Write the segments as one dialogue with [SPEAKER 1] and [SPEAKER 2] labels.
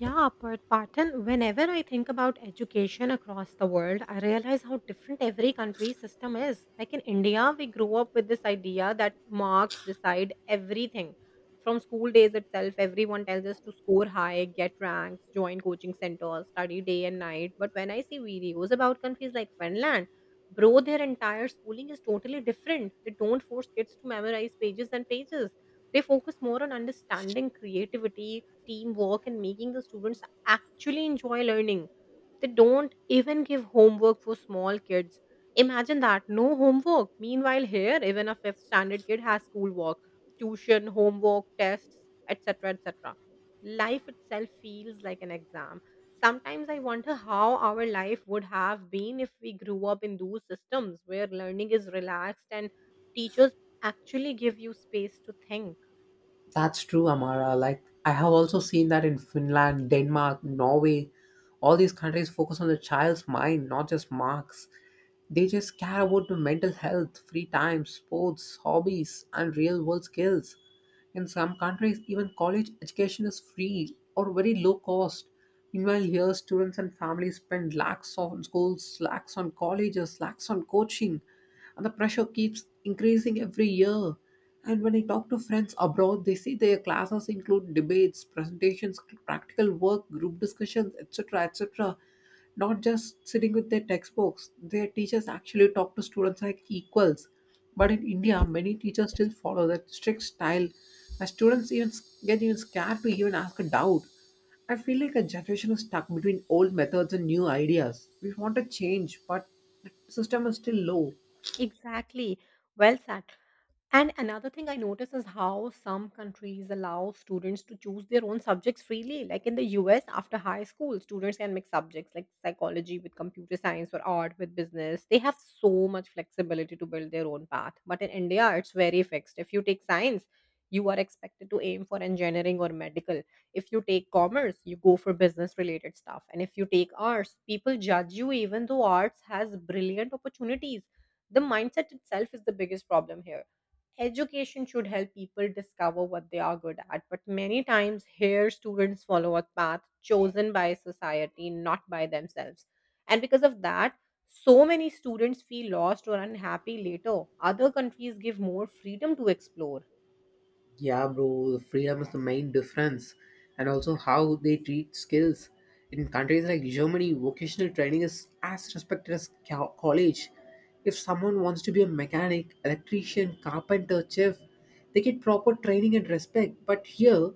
[SPEAKER 1] Yeah, Parthan, whenever I think about education across the world, I realize how different every country's system is. Like in India, we grew up with this idea that marks decide everything. From school days itself, everyone tells us to score high, get ranks, join coaching centers, study day and night. But when I see videos about countries like Finland, bro, their entire schooling is totally different. They don't force kids to memorize pages and pages they Focus more on understanding creativity, teamwork, and making the students actually enjoy learning. They don't even give homework for small kids. Imagine that, no homework. Meanwhile, here, even a fifth standard kid has schoolwork, tuition, homework, tests, etc. etc. Life itself feels like an exam. Sometimes I wonder how our life would have been if we grew up in those systems where learning is relaxed and teachers actually give you space to think.
[SPEAKER 2] That's true, Amara. Like, I have also seen that in Finland, Denmark, Norway. All these countries focus on the child's mind, not just marks. They just care about the mental health, free time, sports, hobbies, and real world skills. In some countries, even college education is free or very low cost. Meanwhile, here students and families spend lakhs on schools, lakhs on colleges, lakhs on coaching, and the pressure keeps increasing every year. And when I talk to friends abroad, they say their classes include debates, presentations, practical work, group discussions, etc. etc. Not just sitting with their textbooks. Their teachers actually talk to students like equals, but in India many teachers still follow that strict style where students even get even scared to even ask a doubt. I feel like a generation is stuck between old methods and new ideas. We want a change, but the system is still low.
[SPEAKER 1] Exactly. Well said. And another thing I notice is how some countries allow students to choose their own subjects freely. Like in the US, after high school, students can mix subjects like psychology with computer science or art with business. They have so much flexibility to build their own path. But in India, it's very fixed. If you take science, you are expected to aim for engineering or medical. If you take commerce, you go for business related stuff. And if you take arts, people judge you even though arts has brilliant opportunities. The mindset itself is the biggest problem here. Education should help people discover what they are good at, but many times here students follow a path chosen by society, not by themselves. And because of that, so many students feel lost or unhappy later. Other countries give more freedom to explore.
[SPEAKER 2] Yeah, bro, the freedom is the main difference, and also how they treat skills. In countries like Germany, vocational training is as respected as college. If someone wants to be a mechanic, electrician, carpenter, chef, they get proper training and respect. But here,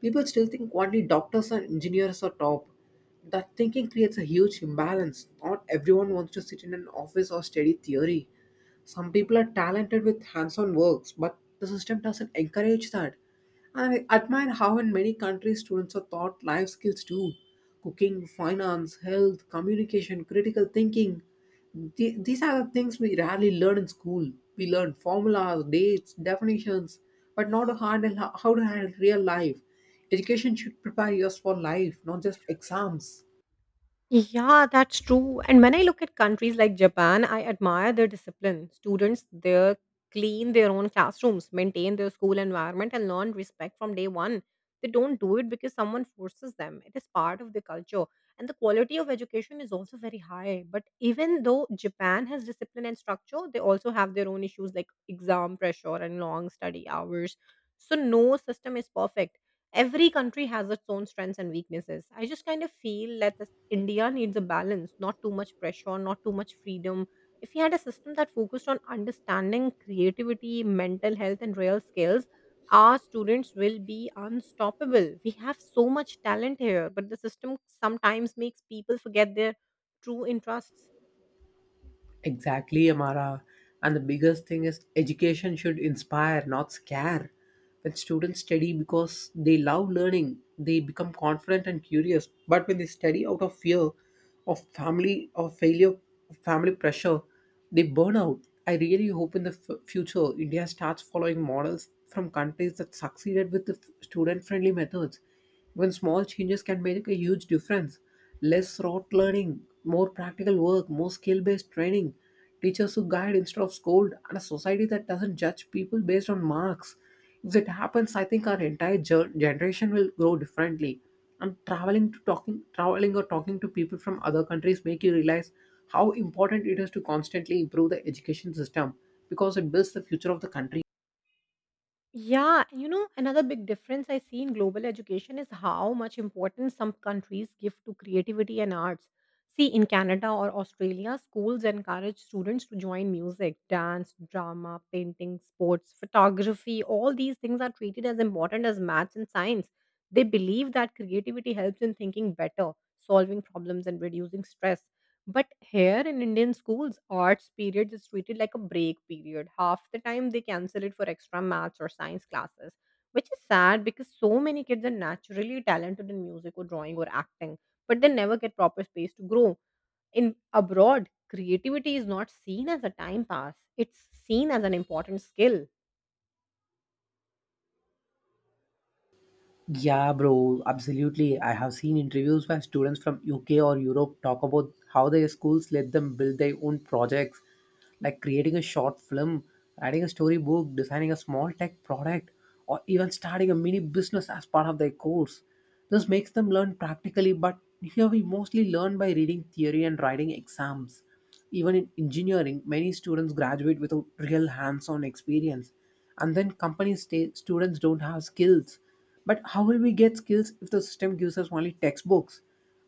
[SPEAKER 2] people still think only doctors and engineers are top. That thinking creates a huge imbalance. Not everyone wants to sit in an office or study theory. Some people are talented with hands on works, but the system doesn't encourage that. I admire how in many countries students are taught life skills too: cooking, finance, health, communication, critical thinking. These are the things we rarely learn in school. We learn formulas, dates, definitions, but not to handle how to handle real life. Education should prepare us for life, not just exams.
[SPEAKER 1] Yeah, that's true. And when I look at countries like Japan, I admire their discipline. Students there clean their own classrooms, maintain their school environment, and learn respect from day one. They don't do it because someone forces them, it is part of their culture. And the quality of education is also very high. But even though Japan has discipline and structure, they also have their own issues like exam pressure and long study hours. So, no system is perfect, every country has its own strengths and weaknesses. I just kind of feel that this, India needs a balance, not too much pressure, not too much freedom. If we had a system that focused on understanding creativity, mental health, and real skills, our students will be unstoppable. We have so much talent here, but the system sometimes makes people forget their true interests.
[SPEAKER 2] Exactly, Amara. And the biggest thing is, education should inspire, not scare. When students study because they love learning, they become confident and curious. But when they study out of fear of family, of failure, of family pressure, they burn out. I really hope in the future, India starts following models from countries that succeeded with the student friendly methods. Even small changes can make a huge difference. Less rote learning, more practical work, more skill based training, teachers who guide instead of scold, and a society that doesn't judge people based on marks. If that happens, I think our entire generation will grow differently. And traveling or talking to people from other countries make you realize how important it is to constantly improve the education system, because it builds the future of the country.
[SPEAKER 1] Yeah, and you know, another big difference I see in global education is how much importance some countries give to creativity and arts. See, in Canada or Australia, schools encourage students to join music, dance, drama, painting, sports, photography. All these things are treated as important as maths and science. They believe that creativity helps in thinking better, solving problems, and reducing stress. But here in Indian schools, arts period is treated like a break period. Half the time they cancel it for extra maths or science classes, which is sad because so many kids are naturally talented in music or drawing or acting, but they never get proper space to grow. In abroad, creativity is not seen as a time pass, it's seen as an important skill.
[SPEAKER 2] Yeah, bro, absolutely. I have seen interviews where students from UK or Europe talk about how their schools let them build their own projects, like creating a short film, writing a storybook, designing a small tech product, or even starting a mini business as part of their course. This makes them learn practically, but here we mostly learn by reading theory and writing exams. Even in engineering, many students graduate without real hands on experience, and then companies say students don't have skills. But how will we get skills if the system gives us only textbooks?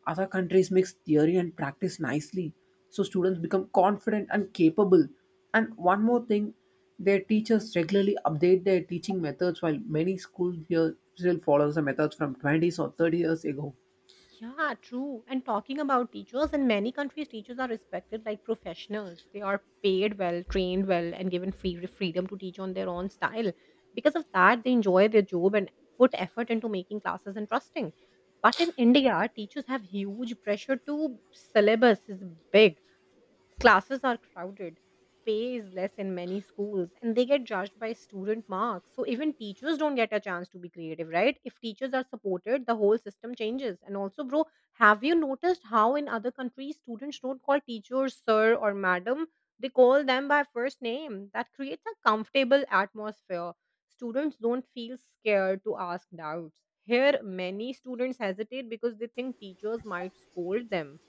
[SPEAKER 2] Other countries mix theory and practice nicely, so students become confident and capable. And one more thing, their teachers regularly update their teaching methods, while many schools here still follows the methods from 20s or 30 years ago.
[SPEAKER 1] Yeah, true. And talking about teachers, in many countries, teachers are respected like professionals. They are paid well, trained well, and given free freedom to teach on their own style. Because of that, they enjoy their job and put effort into making classes interesting. But in India, teachers have huge pressure to syllabus is big. Classes are crowded, pay is less in many schools, and they get judged by student marks. So even teachers don't get a chance to be creative, right? If teachers are supported, the whole system changes. And also, bro, have you noticed how in other countries students don't call teachers sir or madam? They call them by first name. That creates a comfortable atmosphere. Students don't feel scared to ask doubts. Here, many students hesitate because they think teachers might scold them.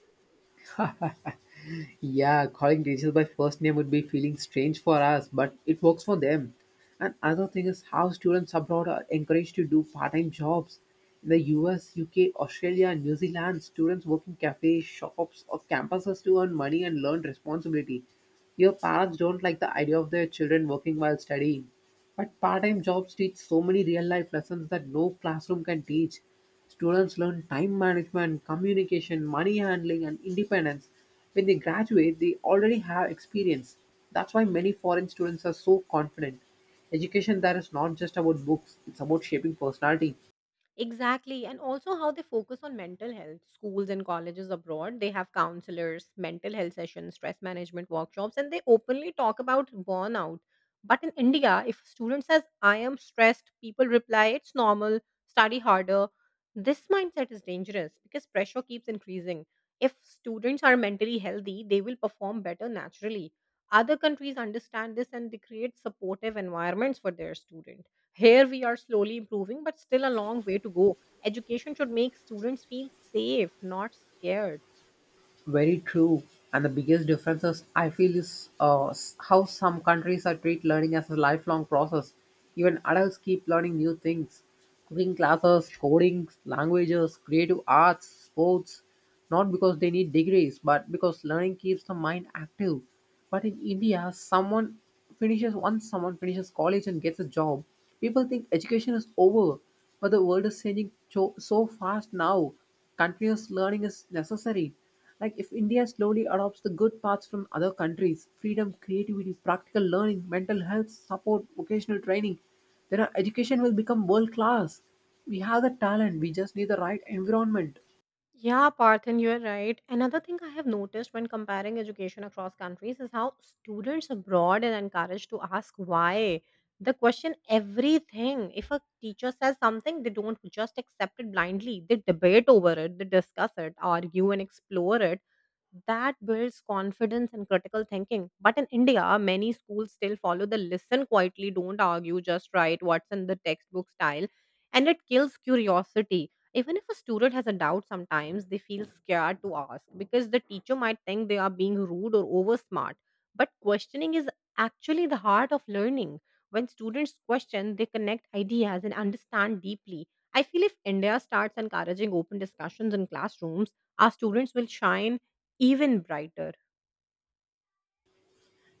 [SPEAKER 2] Yeah, calling teachers by first name would be feeling strange for us, but it works for them. And other thing is how students abroad are encouraged to do part-time jobs. In the U. S., U. K., UK, Australia, and New Zealand, students work in cafes, shops, or campuses to earn money and learn responsibility. Your parents don't like the idea of their children working while studying. But part-time jobs teach so many real-life lessons that no classroom can teach. Students learn time management, communication, money handling, and independence. When they graduate, they already have experience. That's why many foreign students are so confident. Education there is not just about books, it's about shaping personality.
[SPEAKER 1] Exactly. And also how they focus on mental health. Schools and colleges abroad, they have counselors, mental health sessions, stress management workshops, and they openly talk about burnout. But in India, if a student says, I am stressed, people reply, it's normal, study harder. This mindset is dangerous because pressure keeps increasing. If students are mentally healthy, they will perform better naturally. Other countries understand this and they create supportive environments for their students. Here we are slowly improving, but still a long way to go. Education should make students feel safe, not scared.
[SPEAKER 2] Very true. And the biggest difference is, I feel, is how some countries are treat learning as a lifelong process. Even adults keep learning new things. Cooking classes, coding, languages, creative arts, sports, not because they need degrees, but because learning keeps the mind active. But in India, someone finishes once someone finishes college and gets a job, people think education is over. But the world is changing so, so fast now. Continuous learning is necessary. Like, if India slowly adopts the good parts from other countries, freedom, creativity, practical learning, mental health, support, vocational training, then our education will become world class. We have the talent, we just need the right environment.
[SPEAKER 1] Yeah, Parthen, you're right. Another thing I have noticed when comparing education across countries is how students abroad are encouraged to ask why. They question everything. If a teacher says something, they don't just accept it blindly. They debate over it, they discuss it, argue, and explore it. That builds confidence and critical thinking. But in India, many schools still follow the listen quietly, don't argue, just write what's in the textbook style. And it kills curiosity. Even if a student has a doubt, sometimes they feel scared to ask because the teacher might think they are being rude or over smart. But questioning is actually the heart of learning. When students question, they connect ideas and understand deeply. I feel if India starts encouraging open discussions in classrooms, our students will shine even brighter.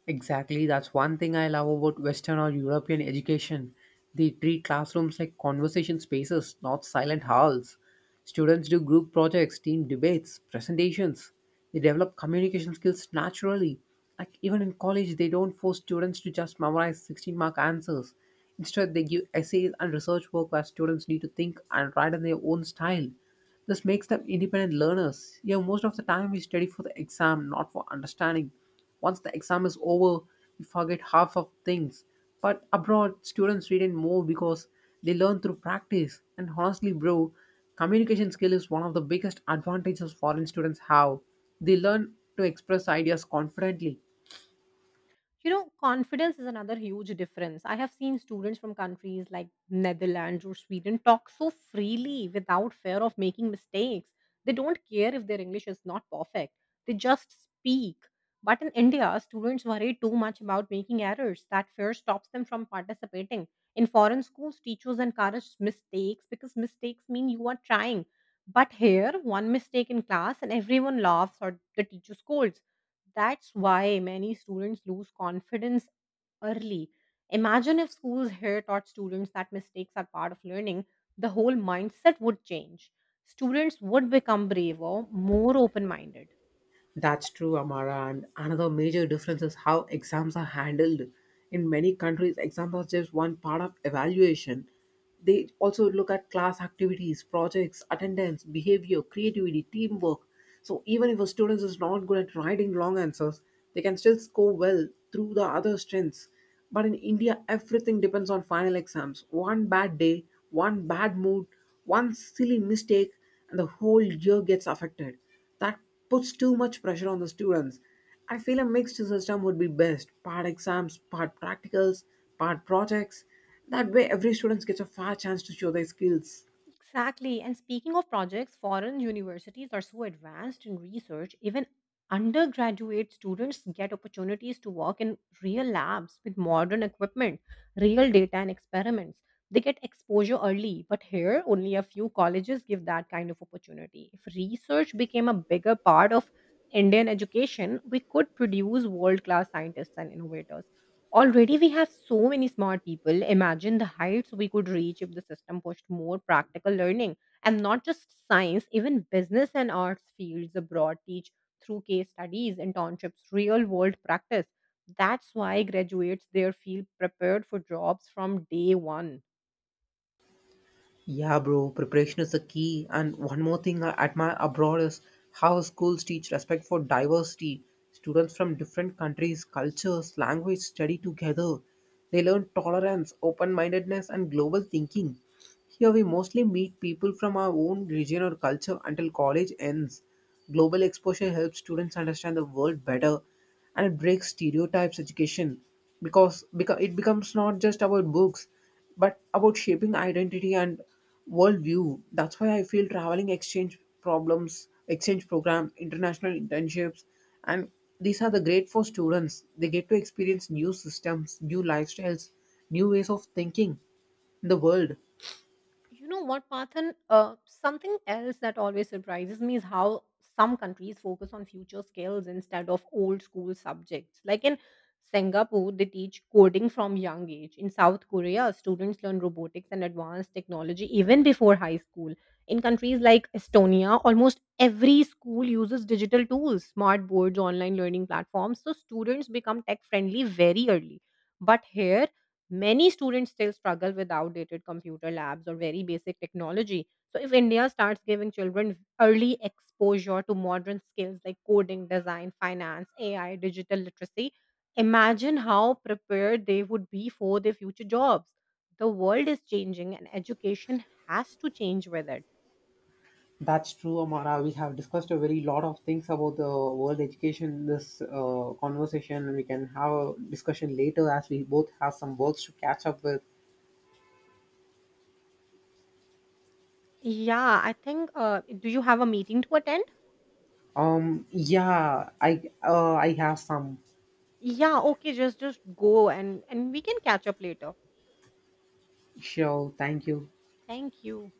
[SPEAKER 2] Exactly, that's one thing I love about Western or European education. They treat classrooms like conversation spaces, not silent halls. Students do group projects, team debates, presentations. They develop communication skills naturally. Like even in college, they don't force students to just memorize 16 mark answers. Instead, they give essays and research work where students need to think and write in their own style. This makes them independent learners. Yeah, most of the time we study for the exam, not for understanding. Once the exam is over, we forget half of things. But abroad, students retain more because they learn through practice. And honestly, bro, communication skill is one of the biggest advantages foreign students have. They learn to express ideas confidently.
[SPEAKER 1] You know, confidence is another huge difference. I have seen students from countries like Netherlands or Sweden talk so freely without fear of making mistakes. They don't care if their English is not perfect. They just speak. But in India, students worry too much about making errors. That fear stops them from participating. In foreign schools, teachers encourage mistakes because mistakes mean you are trying. But here, one mistake in class and everyone laughs or the teacher scolds. That's why many students lose confidence early. Imagine if schools here taught students that mistakes are part of learning, the whole mindset would change. Students would become braver, more open minded.
[SPEAKER 2] That's true, Amara. And another major difference is how exams are handled. In many countries, exams are just one part of evaluation. They also look at class activities, projects, attendance, behavior, creativity, teamwork. So even if a student is not good at writing long answers, they can still score well through the other strengths. But in India, everything depends on final exams. One bad day, one bad mood, one silly mistake, and the whole year gets affected. That puts too much pressure on the students. I feel a mixed system would be best: part exams, part practicals, part projects. That way, every student gets a fair chance to show their skills.
[SPEAKER 1] Exactly. And speaking of projects, foreign universities are so advanced in research, even undergraduate students get opportunities to work in real labs with modern equipment, real data, and experiments. They get exposure early, but here only a few colleges give that kind of opportunity. If research became a bigger part of Indian education, we could produce world class scientists and innovators. Already, we have so many smart people. Imagine the heights we could reach if the system pushed more practical learning, and not just science, even business and arts fields abroad teach through case studies, internships, real world practice. That's why graduates there feel prepared for jobs from day one.
[SPEAKER 2] Yeah, bro, preparation is the key. And one more thing I admire abroad is how schools teach respect for diversity. Students from different countries, cultures, language study together. They learn tolerance, open mindedness, and global thinking. Here we mostly meet people from our own region or culture until college ends. Global exposure helps students understand the world better, and it breaks stereotypes. Education, because it becomes not just about books, but about shaping identity and worldview. That's why I feel traveling, exchange program, international internships, and these are the great for students. They get to experience new systems, new lifestyles, new ways of thinking in the world.
[SPEAKER 1] You know what, Parthan? Something else that always surprises me is how some countries focus on future skills instead of old school subjects. Like in Singapore, they teach coding from young age. In South Korea, students learn robotics and advanced technology even before high school. In countries like Estonia, almost every school uses digital tools, smart boards, online learning platforms, so students become tech friendly very early. But here, many students still struggle with outdated computer labs or very basic technology. So, if India starts giving children early exposure to modern skills like coding, design, finance, AI, digital literacy, imagine how prepared they would be for their future jobs. The world is changing and education has to change with it.
[SPEAKER 2] That's true, Amara. We have discussed a very lot of things about the world education in this conversation. We can have a discussion later as we both have some works to catch up with.
[SPEAKER 1] Yeah, I think do you have a meeting to attend?
[SPEAKER 2] Yeah, I have some.
[SPEAKER 1] Yeah, okay, just go and we can catch up later.
[SPEAKER 2] Sure, thank you.
[SPEAKER 1] Thank you.